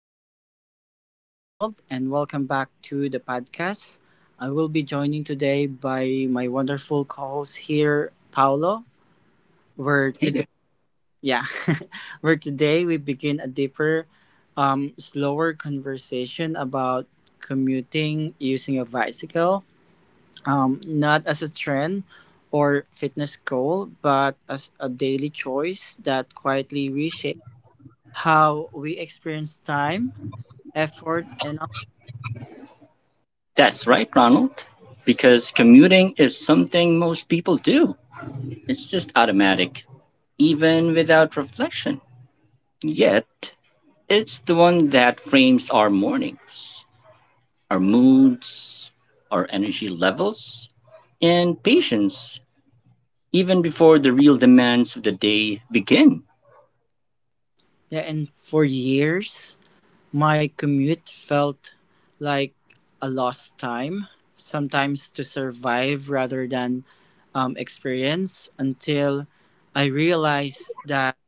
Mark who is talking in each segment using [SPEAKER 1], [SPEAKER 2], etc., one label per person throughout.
[SPEAKER 1] everyone. My name is Ronald, and welcome back to the podcast. I will be joining today by my wonderful co-host here, Paolo. Where
[SPEAKER 2] Hey there.
[SPEAKER 1] today, yeah, where today we begin a deeper, slower conversation about commuting using a bicycle, not as a trend or fitness goal, but as a daily choice that quietly reshapes how we experience time effort and
[SPEAKER 2] That's right, Ronald. Because commuting is something most people do. It's just automatic, even without reflection. Yet, it's the one that frames our mornings, our moods, our energy levels, and patience, even before the real demands of the day begin.
[SPEAKER 1] yeah, and for years, my commute felt like a lost time, sometimes to survive rather than experience, until I realized that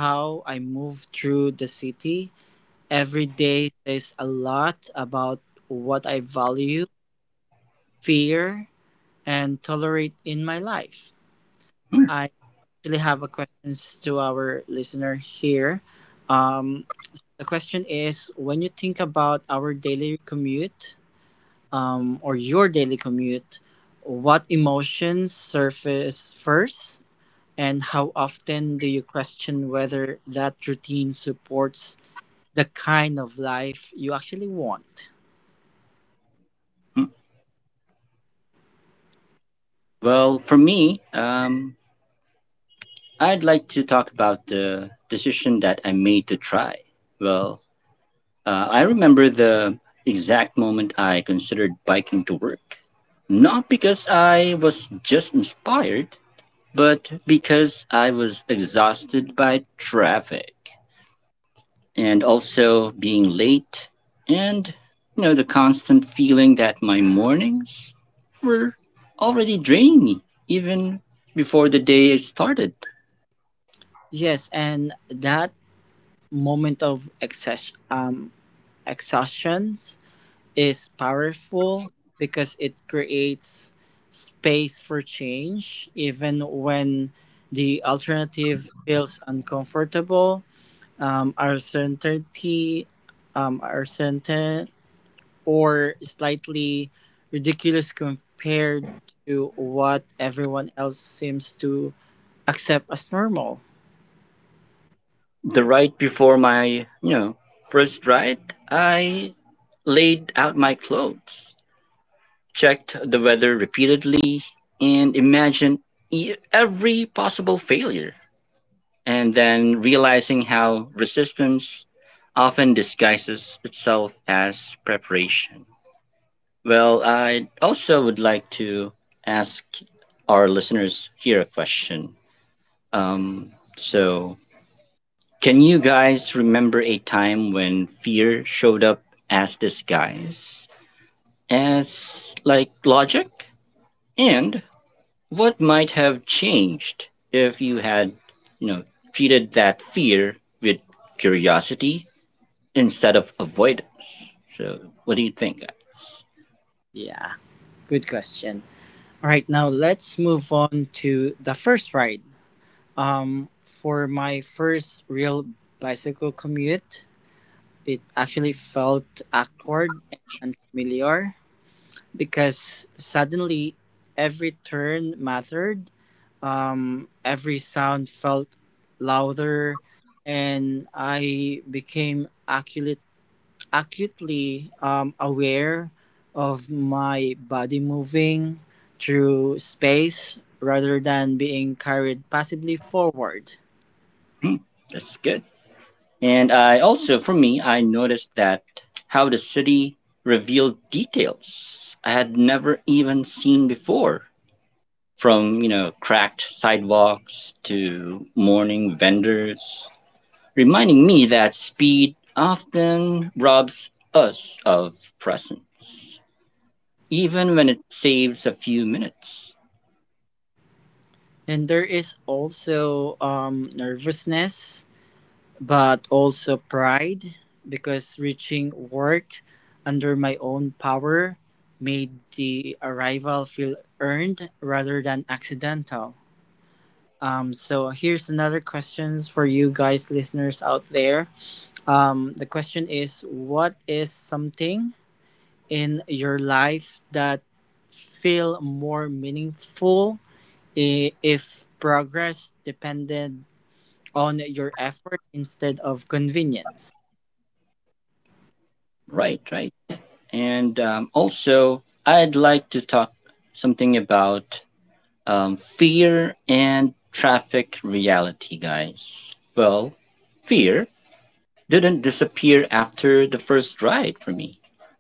[SPEAKER 1] how I move through the city every day says a lot about what I value, fear, and tolerate in my life.
[SPEAKER 2] Hmm.
[SPEAKER 1] I actually have a question to our listener here. Um, the question is, when you think about our daily commute or your daily commute, what emotions surface first? And how often do you question whether that routine supports the kind of life you actually want?
[SPEAKER 2] Hmm. Well, for me, I'd like to talk about the decision that I made to try. Well, I remember the exact moment I considered biking to work. Not because I was just inspired, but because I was exhausted by traffic and also being late and the constant feeling that my mornings were already draining me even before the day started.
[SPEAKER 1] Yes, and that moment of exhaustion is powerful because it creates space for change, even when the alternative feels uncomfortable. Um, our certainty, our certain or slightly ridiculous compared to what everyone else seems to accept as normal.
[SPEAKER 2] The right before my, know, first ride, I laid out my clothes, checked the weather repeatedly, and imagined every possible failure, and then realizing how resistance often disguises itself as preparation. Well, I also would like to ask our listeners here a question. Um, so, can you guys remember a time when fear showed up as disguise, as like logic? And what might have changed if you had, you know, treated that fear with curiosity instead of avoidance? So, what do you think, guys?
[SPEAKER 1] Yeah, good question. All right, now let's move on to the first ride. For my first real bicycle commute, it actually felt awkward and unfamiliar because suddenly every turn mattered. Every sound felt louder, and I became acutely aware of my body moving through space rather than being carried passively forward.
[SPEAKER 2] Hmm. That's good. And I also, for me, I noticed that how the city revealed details I had never even seen before. From, cracked sidewalks to morning vendors reminding me that speed often robs us of presence, even when it saves a few minutes.
[SPEAKER 1] And there is also nervousness, but also pride because reaching work under my own power made the arrival feel earned rather than accidental. So here's another questions for you guys listeners out there. The question is, what is something in your life that feel more meaningful if progress depended on your effort instead of convenience.
[SPEAKER 2] Right, right. And also, I'd like to talk something about fear and traffic reality, guys. Well, fear didn't disappear after the first ride for me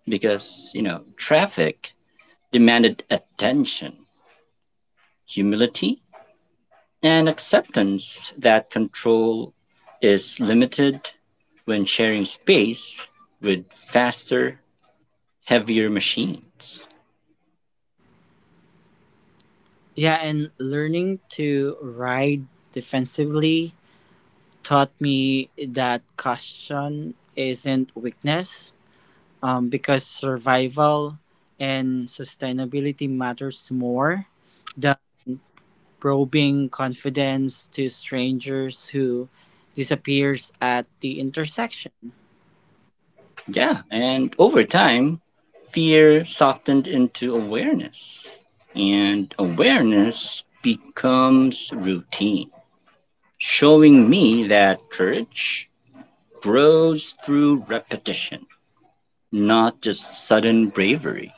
[SPEAKER 2] because, traffic demanded attention, humility, and acceptance that control is limited when sharing space with faster, heavier machines.
[SPEAKER 1] Yeah, and learning to ride defensively taught me that caution isn't weakness because survival and sustainability matters more than probing confidence to strangers who disappears at the intersection.
[SPEAKER 2] Yeah, and over time, fear softened into awareness, and awareness becomes routine, showing me that courage grows through repetition, not just sudden bravery.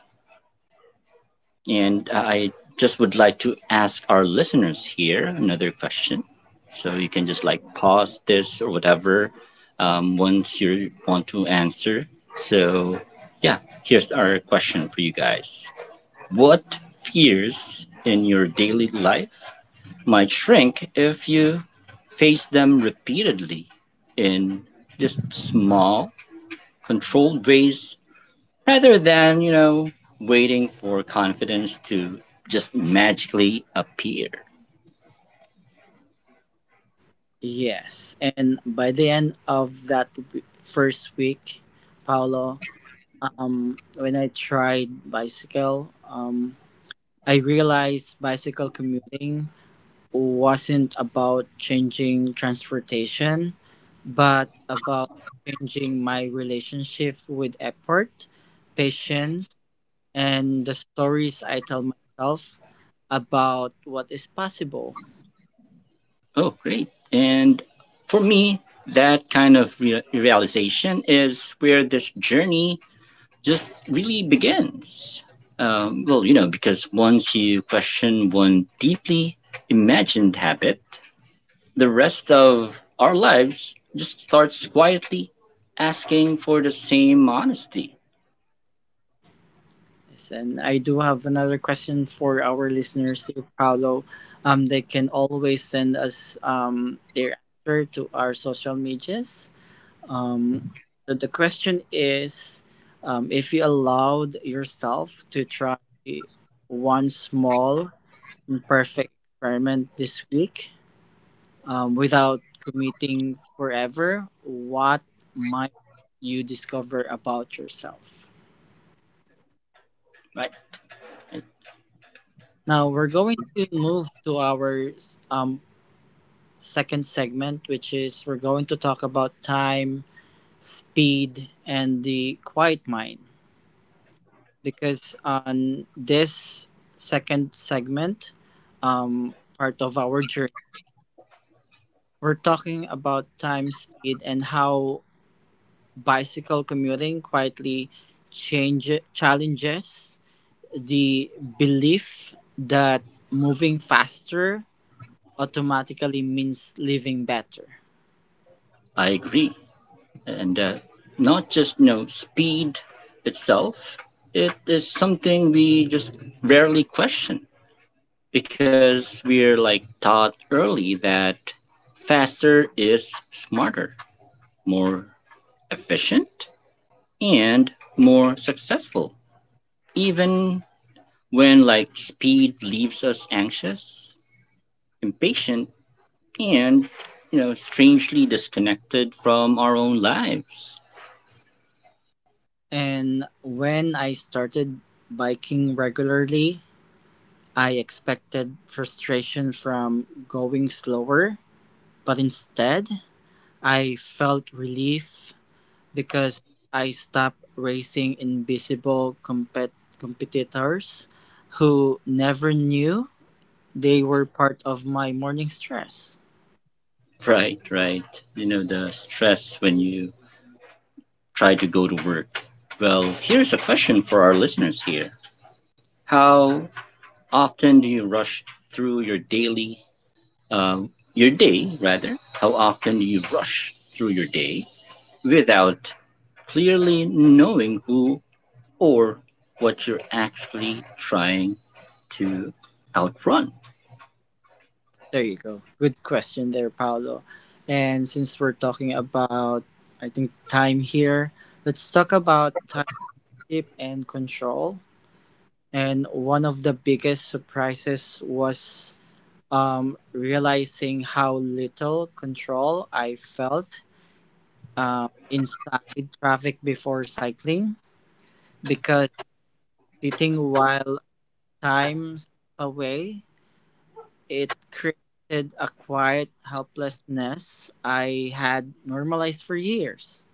[SPEAKER 2] And I just would like to ask our listeners here another question. So you can just like pause this or whatever once you want to answer. So, yeah, here's our question for you guys. What fears in your daily life might shrink if you face them repeatedly in just small, controlled ways rather than waiting for confidence to just magically appear.
[SPEAKER 1] Yes, and by the end of that first week, Paolo, when I tried bicycle, I realized bicycle commuting wasn't about changing transportation, but about changing my relationship with effort, patience, and the stories I tell myself about what is possible.
[SPEAKER 2] Oh, great. And for me, that kind of realization is where this journey just really begins. Well, because once you question one deeply imagined habit, the rest of our lives just starts quietly asking for the same honesty,
[SPEAKER 1] Yes, and I do have another question for our listeners here, Paolo. They can always send us their answer to our social medias. Um, so the question is, if you allowed yourself to try one small imperfect experiment this week without committing forever, what might you discover about yourself?
[SPEAKER 2] right?
[SPEAKER 1] Now we're going to move to our um, second segment, which is we're going to talk about time, speed, and the quiet mind. Because on this second segment, part of our journey, we're talking about time, speed, and how bicycle commuting quietly change challenges the belief that moving faster automatically means living better.
[SPEAKER 2] I agree. And not just speed itself, it is something we just rarely question because we're like taught early that faster is smarter, more efficient, and more successful, even when like speed leaves us anxious, impatient, and strangely disconnected from our own lives.
[SPEAKER 1] And when I started biking regularly, I expected frustration from going slower, but instead, I felt relief because I stopped racing invisible competitors who never knew they were part of my morning stress.
[SPEAKER 2] Right, right. You know, the stress when you try to go to work. Well, here's a question for our listeners here. How often do you rush through your daily, uh, your day, rather? How often do you rush through your day without clearly knowing who or what you're actually trying to outrun?
[SPEAKER 1] There you go. Good question there, Paolo. And since we're talking about, I think, time here, let's talk about time and control. And one of the biggest surprises was realizing how little control I felt inside traffic before cycling because sitting while time slipped away, it created a quiet helplessness I had normalized for years.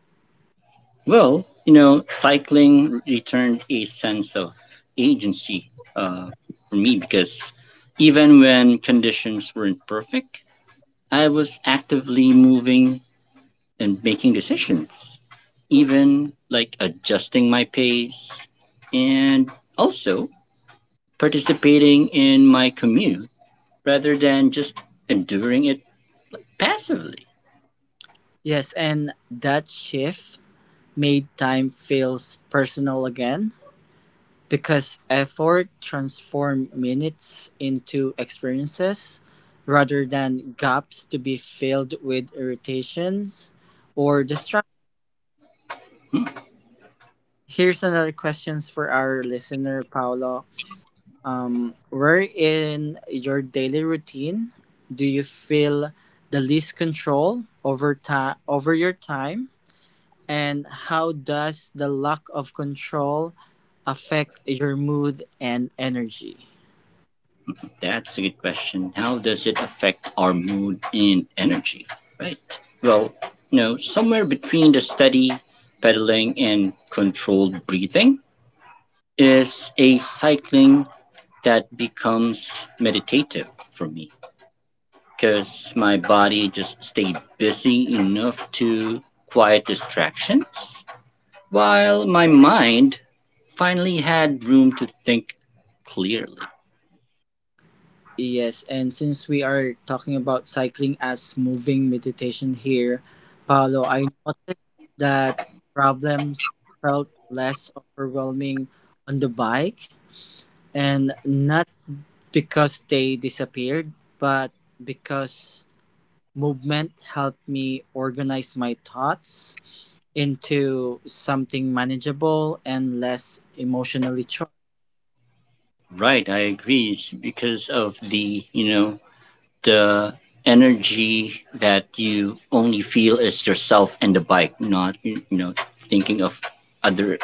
[SPEAKER 2] Well, cycling returned a sense of agency uh, for me because even when conditions weren't perfect, I was actively moving and making decisions, even like adjusting my pace and also participating in my commute rather than just enduring it passively.
[SPEAKER 1] Yes, and that shift made time feels personal again because effort transformed minutes into experiences rather than gaps to be filled with irritations or distractions. Here's another questions for our listener, Paolo. Where in your daily routine do you feel the least control over time over your time, and how does the lack of control affect your mood and energy?
[SPEAKER 2] That's a good question. How does it affect our mood and energy? Right. Well, somewhere between the steady pedaling and controlled breathing is a cycling that becomes meditative for me because my body just stayed busy enough to quiet distractions while my mind finally had room to think clearly.
[SPEAKER 1] Yes, and since we are talking about cycling as moving meditation here, Paolo, I noticed that problems felt less overwhelming on the bike, and not because they disappeared, but because movement helped me organize my thoughts into something manageable and less emotionally charged.
[SPEAKER 2] Right, I agree. It's because of the energy that you only feel is yourself and the bike, not thinking of other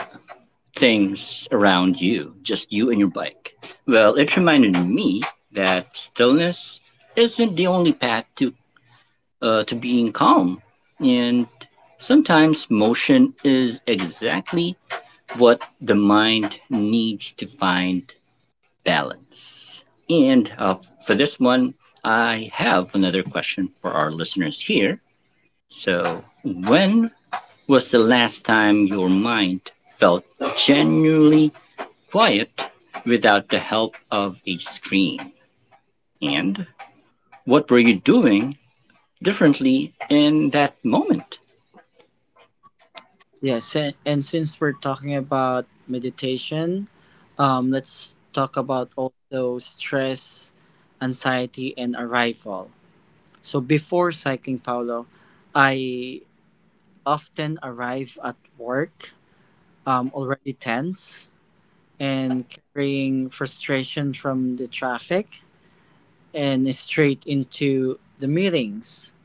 [SPEAKER 2] things around you, just you and your bike. Well, it reminded me that stillness isn't the only path to to being calm. And sometimes motion is exactly what the mind needs to find balance. And for this one, I have another question for our listeners here. So, when was the last time your mind felt genuinely quiet without the help of a screen? And what were you doing differently in that moment?
[SPEAKER 1] Yes, and since we're talking about meditation, let's talk about also stress, anxiety, and arrival. So before cycling, Paolo, I often arrive at work already tense and carrying frustration from the traffic and straight into the meetings,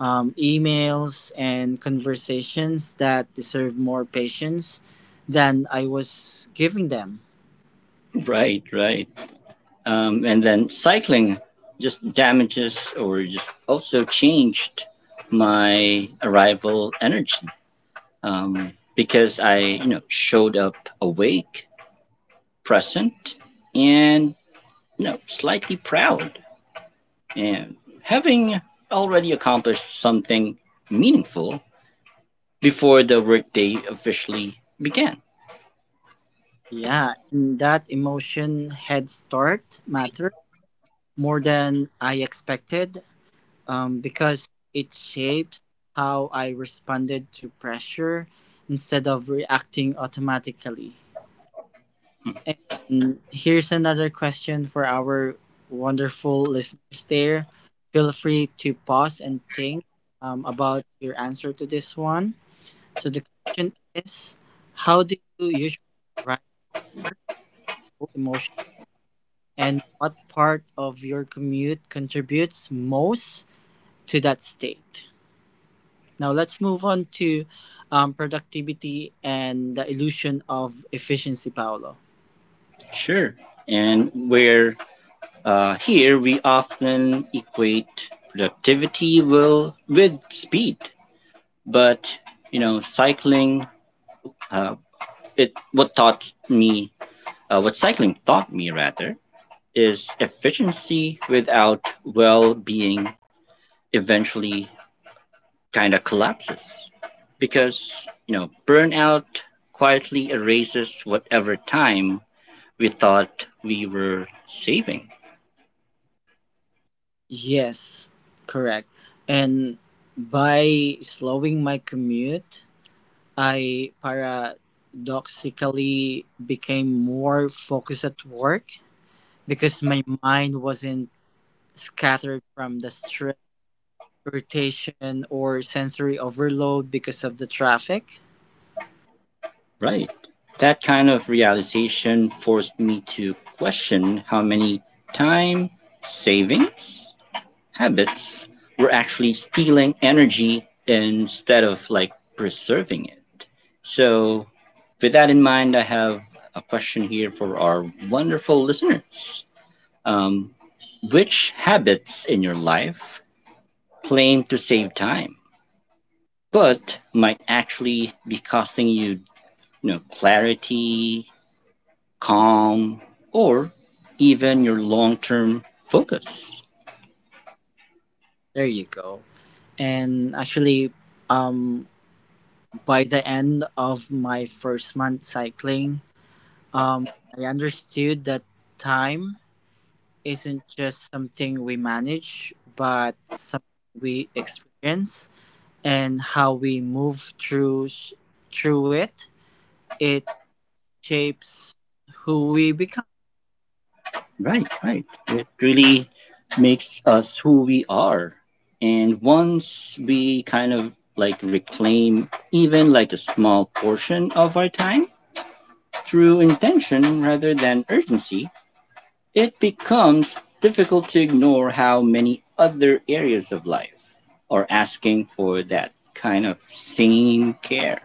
[SPEAKER 1] emails, and conversations that deserve more patience than I was giving them.
[SPEAKER 2] Right, right. And then cycling just damages or just also changed my arrival energy because I, showed up awake, present, and slightly proud, and having already accomplished something meaningful before the workday officially began.
[SPEAKER 1] Yeah, and that emotion head start matter more than I expected because it shapes how I responded to pressure instead of reacting automatically. And here's another question for our wonderful listeners there. Feel free to pause and think about your answer to this one. So the question is, how do you usually arrive at work emotionally, and what part of your commute contributes most to that state? Now let's move on to productivity and the illusion of efficiency, Paolo.
[SPEAKER 2] Sure, and where here we often equate productivity will with speed, but cycling. Uh, it what taught me, what cycling taught me rather, is efficiency without well being eventually kind of collapses because burnout quietly erases whatever time we thought we were saving.
[SPEAKER 1] Yes, correct. And by slowing my commute, I paradoxically became more focused at work because my mind wasn't scattered from the stress, irritation, or sensory overload because of the traffic.
[SPEAKER 2] Right, that kind of realization forced me to question how many time savings habits, we're actually stealing energy instead of like preserving it. So, with that in mind, I have a question here for our wonderful listeners. Um, which habits in your life claim to save time, but might actually be costing you, clarity, calm, or even your long term focus?
[SPEAKER 1] There you go. And actually, um, by the end of my first month cycling, um, I understood that time isn't just something we manage, but something we experience and how we move through through it. It shapes who we become.
[SPEAKER 2] Right, right. It really makes us who we are. And once we kind of like reclaim even like a small portion of our time through intention rather than urgency, it becomes difficult to ignore how many other areas of life are asking for that kind of same care.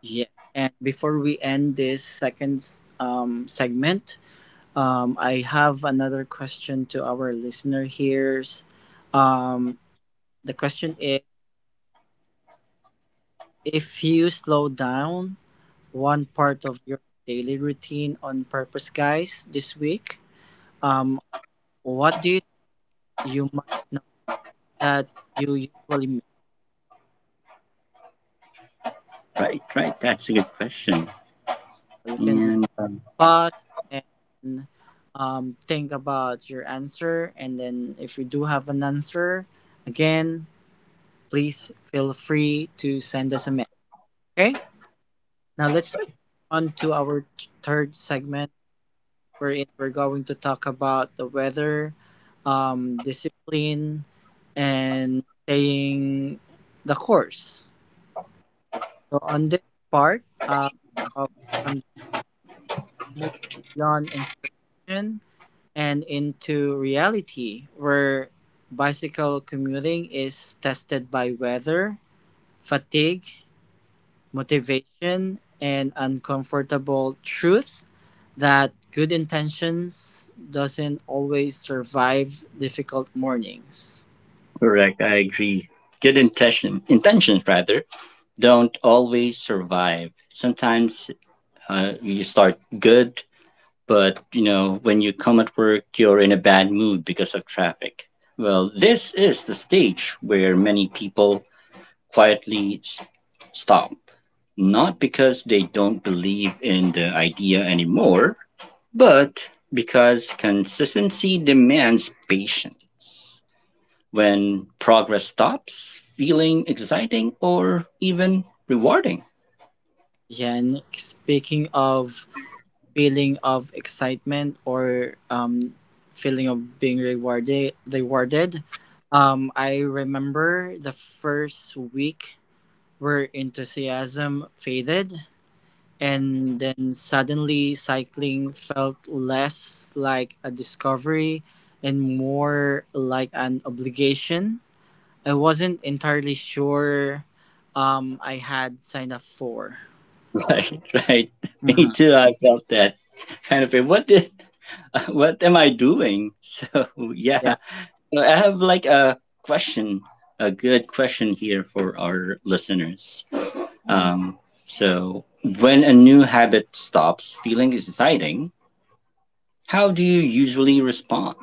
[SPEAKER 1] Yes. And before we end this second segment, I have another question to our listener here. Um, the question is: if you slow down one part of your daily routine on purpose, guys, this week, um, what do you you might know that you usually miss?
[SPEAKER 2] Right, right. That's a good question.
[SPEAKER 1] You can
[SPEAKER 2] And
[SPEAKER 1] pause and think about your answer, and then if you do have an answer, again, please feel free to send us a message. Okay. Now let's move on to our third segment, wherein we're going to talk about the weather, discipline, and staying the course. So on this part of moves beyond inspiration and into reality, where bicycle commuting is tested by weather, fatigue, motivation, and uncomfortable truth that good intentions doesn't always survive difficult mornings.
[SPEAKER 2] correct, I agree. Good intention, intentions rather, don't always survive. Sometimes you start good, but when you come at work, you're in a bad mood because of traffic. Well, this is the stage where many people quietly stop, not because they don't believe in the idea anymore, but because consistency demands patience. When progress stops feeling exciting or even rewarding.
[SPEAKER 1] Yan, speaking of feeling of excitement or feeling of being rewarded, I remember the first week where enthusiasm faded and then suddenly cycling felt less like a discovery and more like an obligation I wasn't entirely sure I had signed up for.
[SPEAKER 2] Right, right. Me
[SPEAKER 1] Mhm.
[SPEAKER 2] too. I felt that kind of. What did? What am I doing? So, yeah, I have like a question, a good question here for our listeners. Um, so, when a new habit stops feeling exciting, how do you usually respond?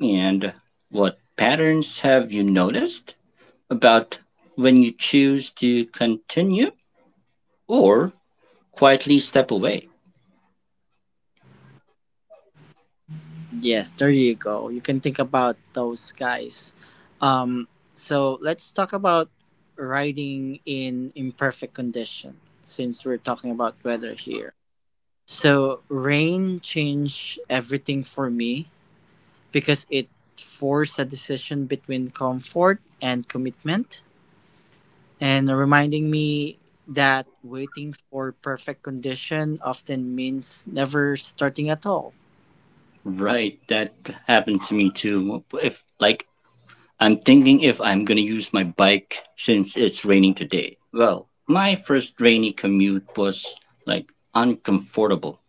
[SPEAKER 2] And what patterns have you noticed about when you choose to continue or quietly step away?
[SPEAKER 1] Yes, there you go. You can think about those guys. Um, so let's talk about riding in imperfect condition since we're talking about weather here. So rain changed everything for me because it forced a decision between comfort and commitment and reminding me that waiting for perfect condition often means never starting at all.
[SPEAKER 2] Right, that happened to me too. If like I'm thinking if I'm gonna use my bike since it's raining today. Well, my first rainy commute was like uncomfortable,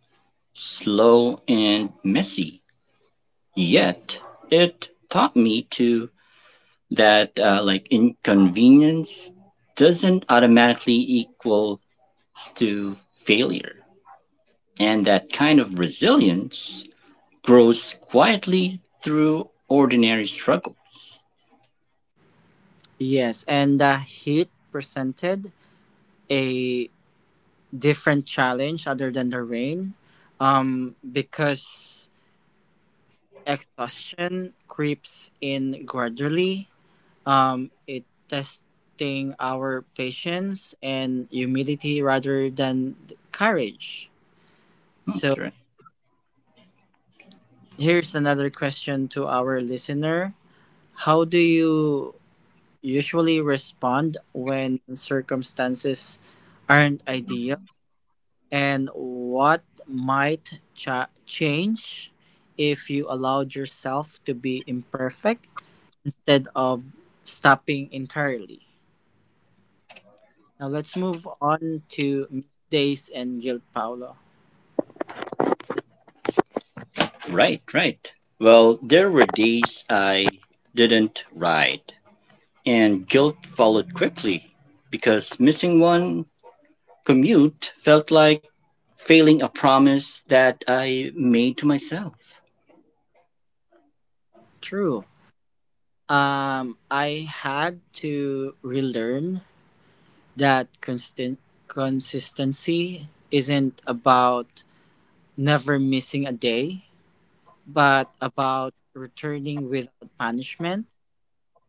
[SPEAKER 2] slow and messy. Yet it taught me to that like inconvenience doesn't automatically equals to failure, and that kind of resilience grows quietly through ordinary struggles.
[SPEAKER 1] Yes, and the heat presented a different challenge other than the rain because exhaustion creeps in gradually. It testing our patience and humility rather than courage. So
[SPEAKER 2] Right,
[SPEAKER 1] here's another question to our listener. How do you usually respond when circumstances aren't ideal? And what might change if you allowed yourself to be imperfect instead of stopping entirely. Now let's move on to Miss Days and Guilt, Paolo.
[SPEAKER 2] right. Right. Well, there were days I didn't ride, and guilt followed quickly because missing one commute felt like failing a promise that I made to myself.
[SPEAKER 1] True. I had to relearn that constant consistency isn't about never missing a day, but about returning without punishment,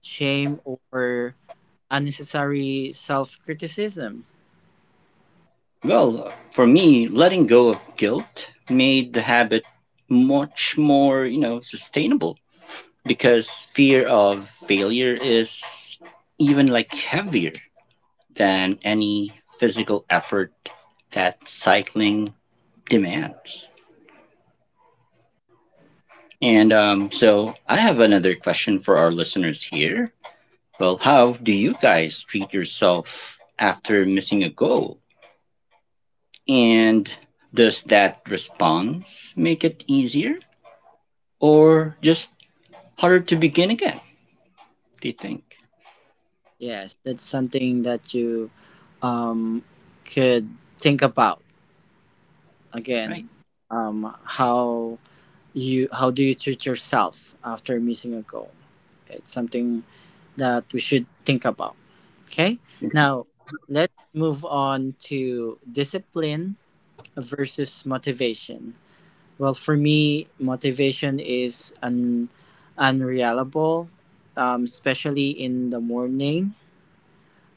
[SPEAKER 1] shame, or unnecessary self criticism.
[SPEAKER 2] Well, for me, letting go of guilt made the habit much more, sustainable. Because fear of failure is even like heavier than any physical effort that cycling demands. And so I have another question for our listeners here. Well, how do you guys treat yourself after missing a goal? And does that response make it easier or just harder to begin again, do you think?
[SPEAKER 1] Yes, that's something that you um, could think about
[SPEAKER 2] Right.
[SPEAKER 1] again. Um, how do you treat yourself after missing a goal? It's something that we should think about. Okay, now let's move on to discipline versus motivation. Well, for me, motivation is an unreliable, especially in the morning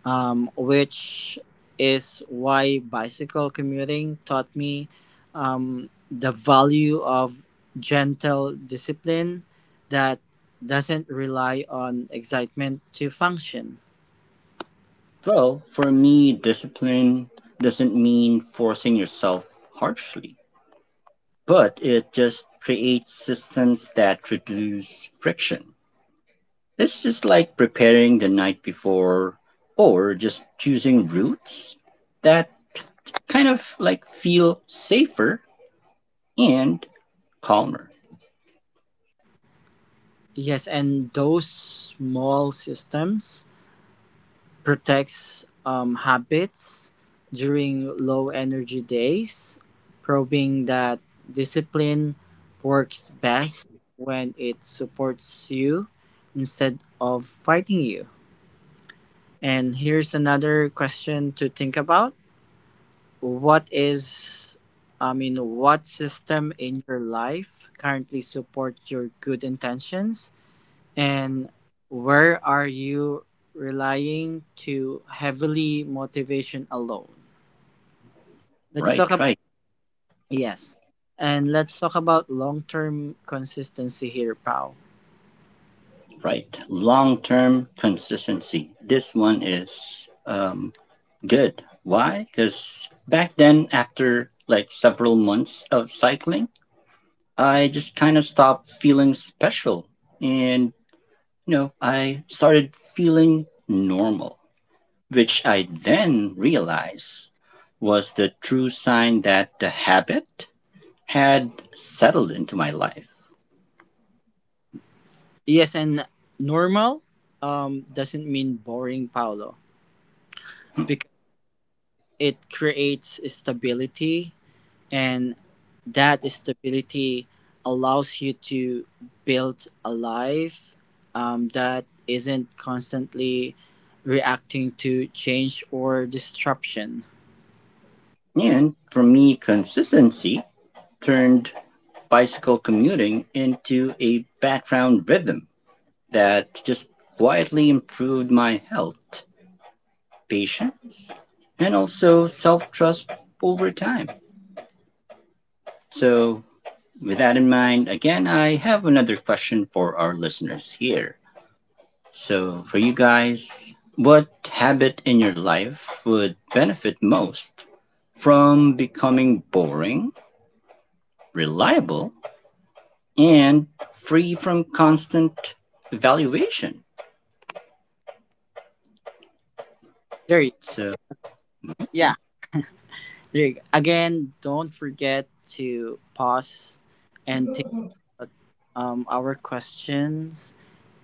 [SPEAKER 1] which is why bicycle commuting taught me the value of gentle discipline that doesn't rely on excitement to function.
[SPEAKER 2] Well, for me, discipline doesn't mean forcing yourself harshly, but it just creates systems that reduce friction. It's just like preparing the night before or just choosing routes that kind of like feel safer and calmer.
[SPEAKER 1] Yes, and those small systems protects habits during low energy days, proving that discipline works best when it supports you instead of fighting you. And here's another question to think about. What is, I mean, what system in your life currently supports your good intentions and where are you relying too heavily motivation alone? Let's
[SPEAKER 2] Right,
[SPEAKER 1] talk about
[SPEAKER 2] right,
[SPEAKER 1] yes. And let's talk about long-term consistency here, Pao.
[SPEAKER 2] right. Long term consistency. This one is good. Why? Because back then, after like several months of cycling, I just kind of stopped feeling special. And, I started feeling normal, which I then realized was the true sign that the habit had settled into my life.
[SPEAKER 1] Yes, and normal doesn't mean boring, Paolo, because it creates stability and that stability allows you to build a life that isn't constantly reacting to change or disruption.
[SPEAKER 2] And for me, consistency turned bicycle commuting into a background rhythm that just quietly improved my health, patience, and also self trust over time. So, with that in mind, again, I have another question for our listeners here. So, for you guys, what habit in your life would benefit most from becoming boring, reliable, and free from constant evaluation?
[SPEAKER 1] There you,
[SPEAKER 2] So.
[SPEAKER 1] Yeah, there you go. Again, don't forget to pause and think about our questions.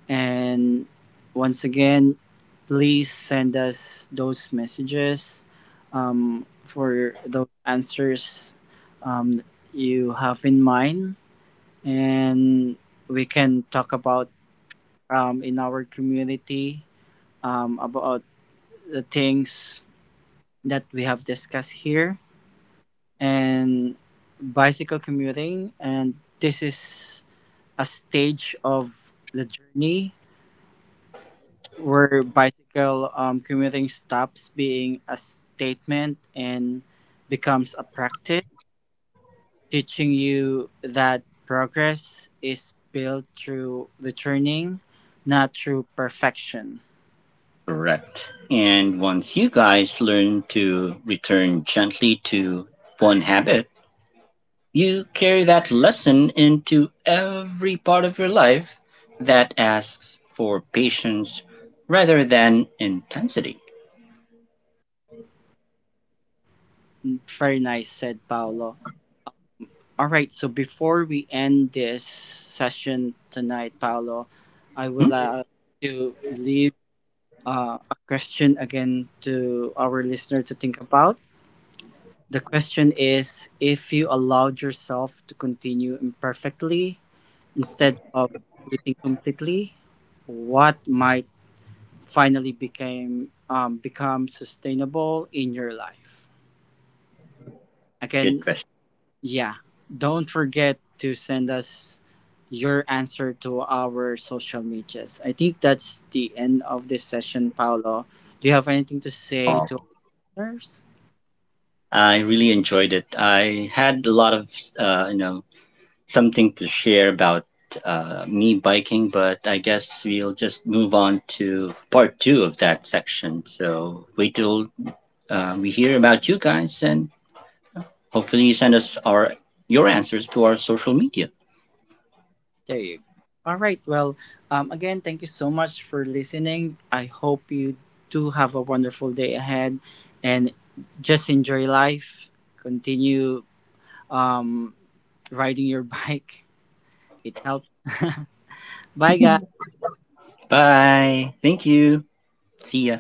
[SPEAKER 1] And once again, please send us those messages for those answers um, you have in mind. And we can talk about in our community about the things that we have discussed here and bicycle commuting. And this is a stage of the journey where bicycle commuting stops being a statement and becomes a practice, teaching you that progress is built through the turning, not through perfection.
[SPEAKER 2] Correct. And once you guys learn to return gently to one habit, you carry that lesson into every part of your life that asks for patience rather than intensity.
[SPEAKER 1] Very nice, said Paolo. All right, so before we end this session tonight, Paolo, I would
[SPEAKER 2] Hmm?
[SPEAKER 1] like to leave a question again to our listener to think about. The question is, if you allowed yourself to continue imperfectly instead of quitting completely, what might finally became become sustainable in your life?
[SPEAKER 2] Good
[SPEAKER 1] Again,
[SPEAKER 2] question,
[SPEAKER 1] yeah. Don't forget to send us your answer to our social medias. I think that's the end of this session, Paolo. Do you have anything to say to
[SPEAKER 2] Paul.
[SPEAKER 1] others?
[SPEAKER 2] I really enjoyed it. I had a lot of, uh, you know, something to share about me biking, but I guess we'll just move on to part two of that section. So wait till we hear about you guys, and hopefully you send us our your answers to our social media.
[SPEAKER 1] There you go. All right. Well, again, thank you so much for listening. I hope you do have a wonderful day ahead and just enjoy life. Continue um, riding your bike, it helps. Bye,
[SPEAKER 2] Mm-hmm.
[SPEAKER 1] guys.
[SPEAKER 2] Bye. Thank you. See ya.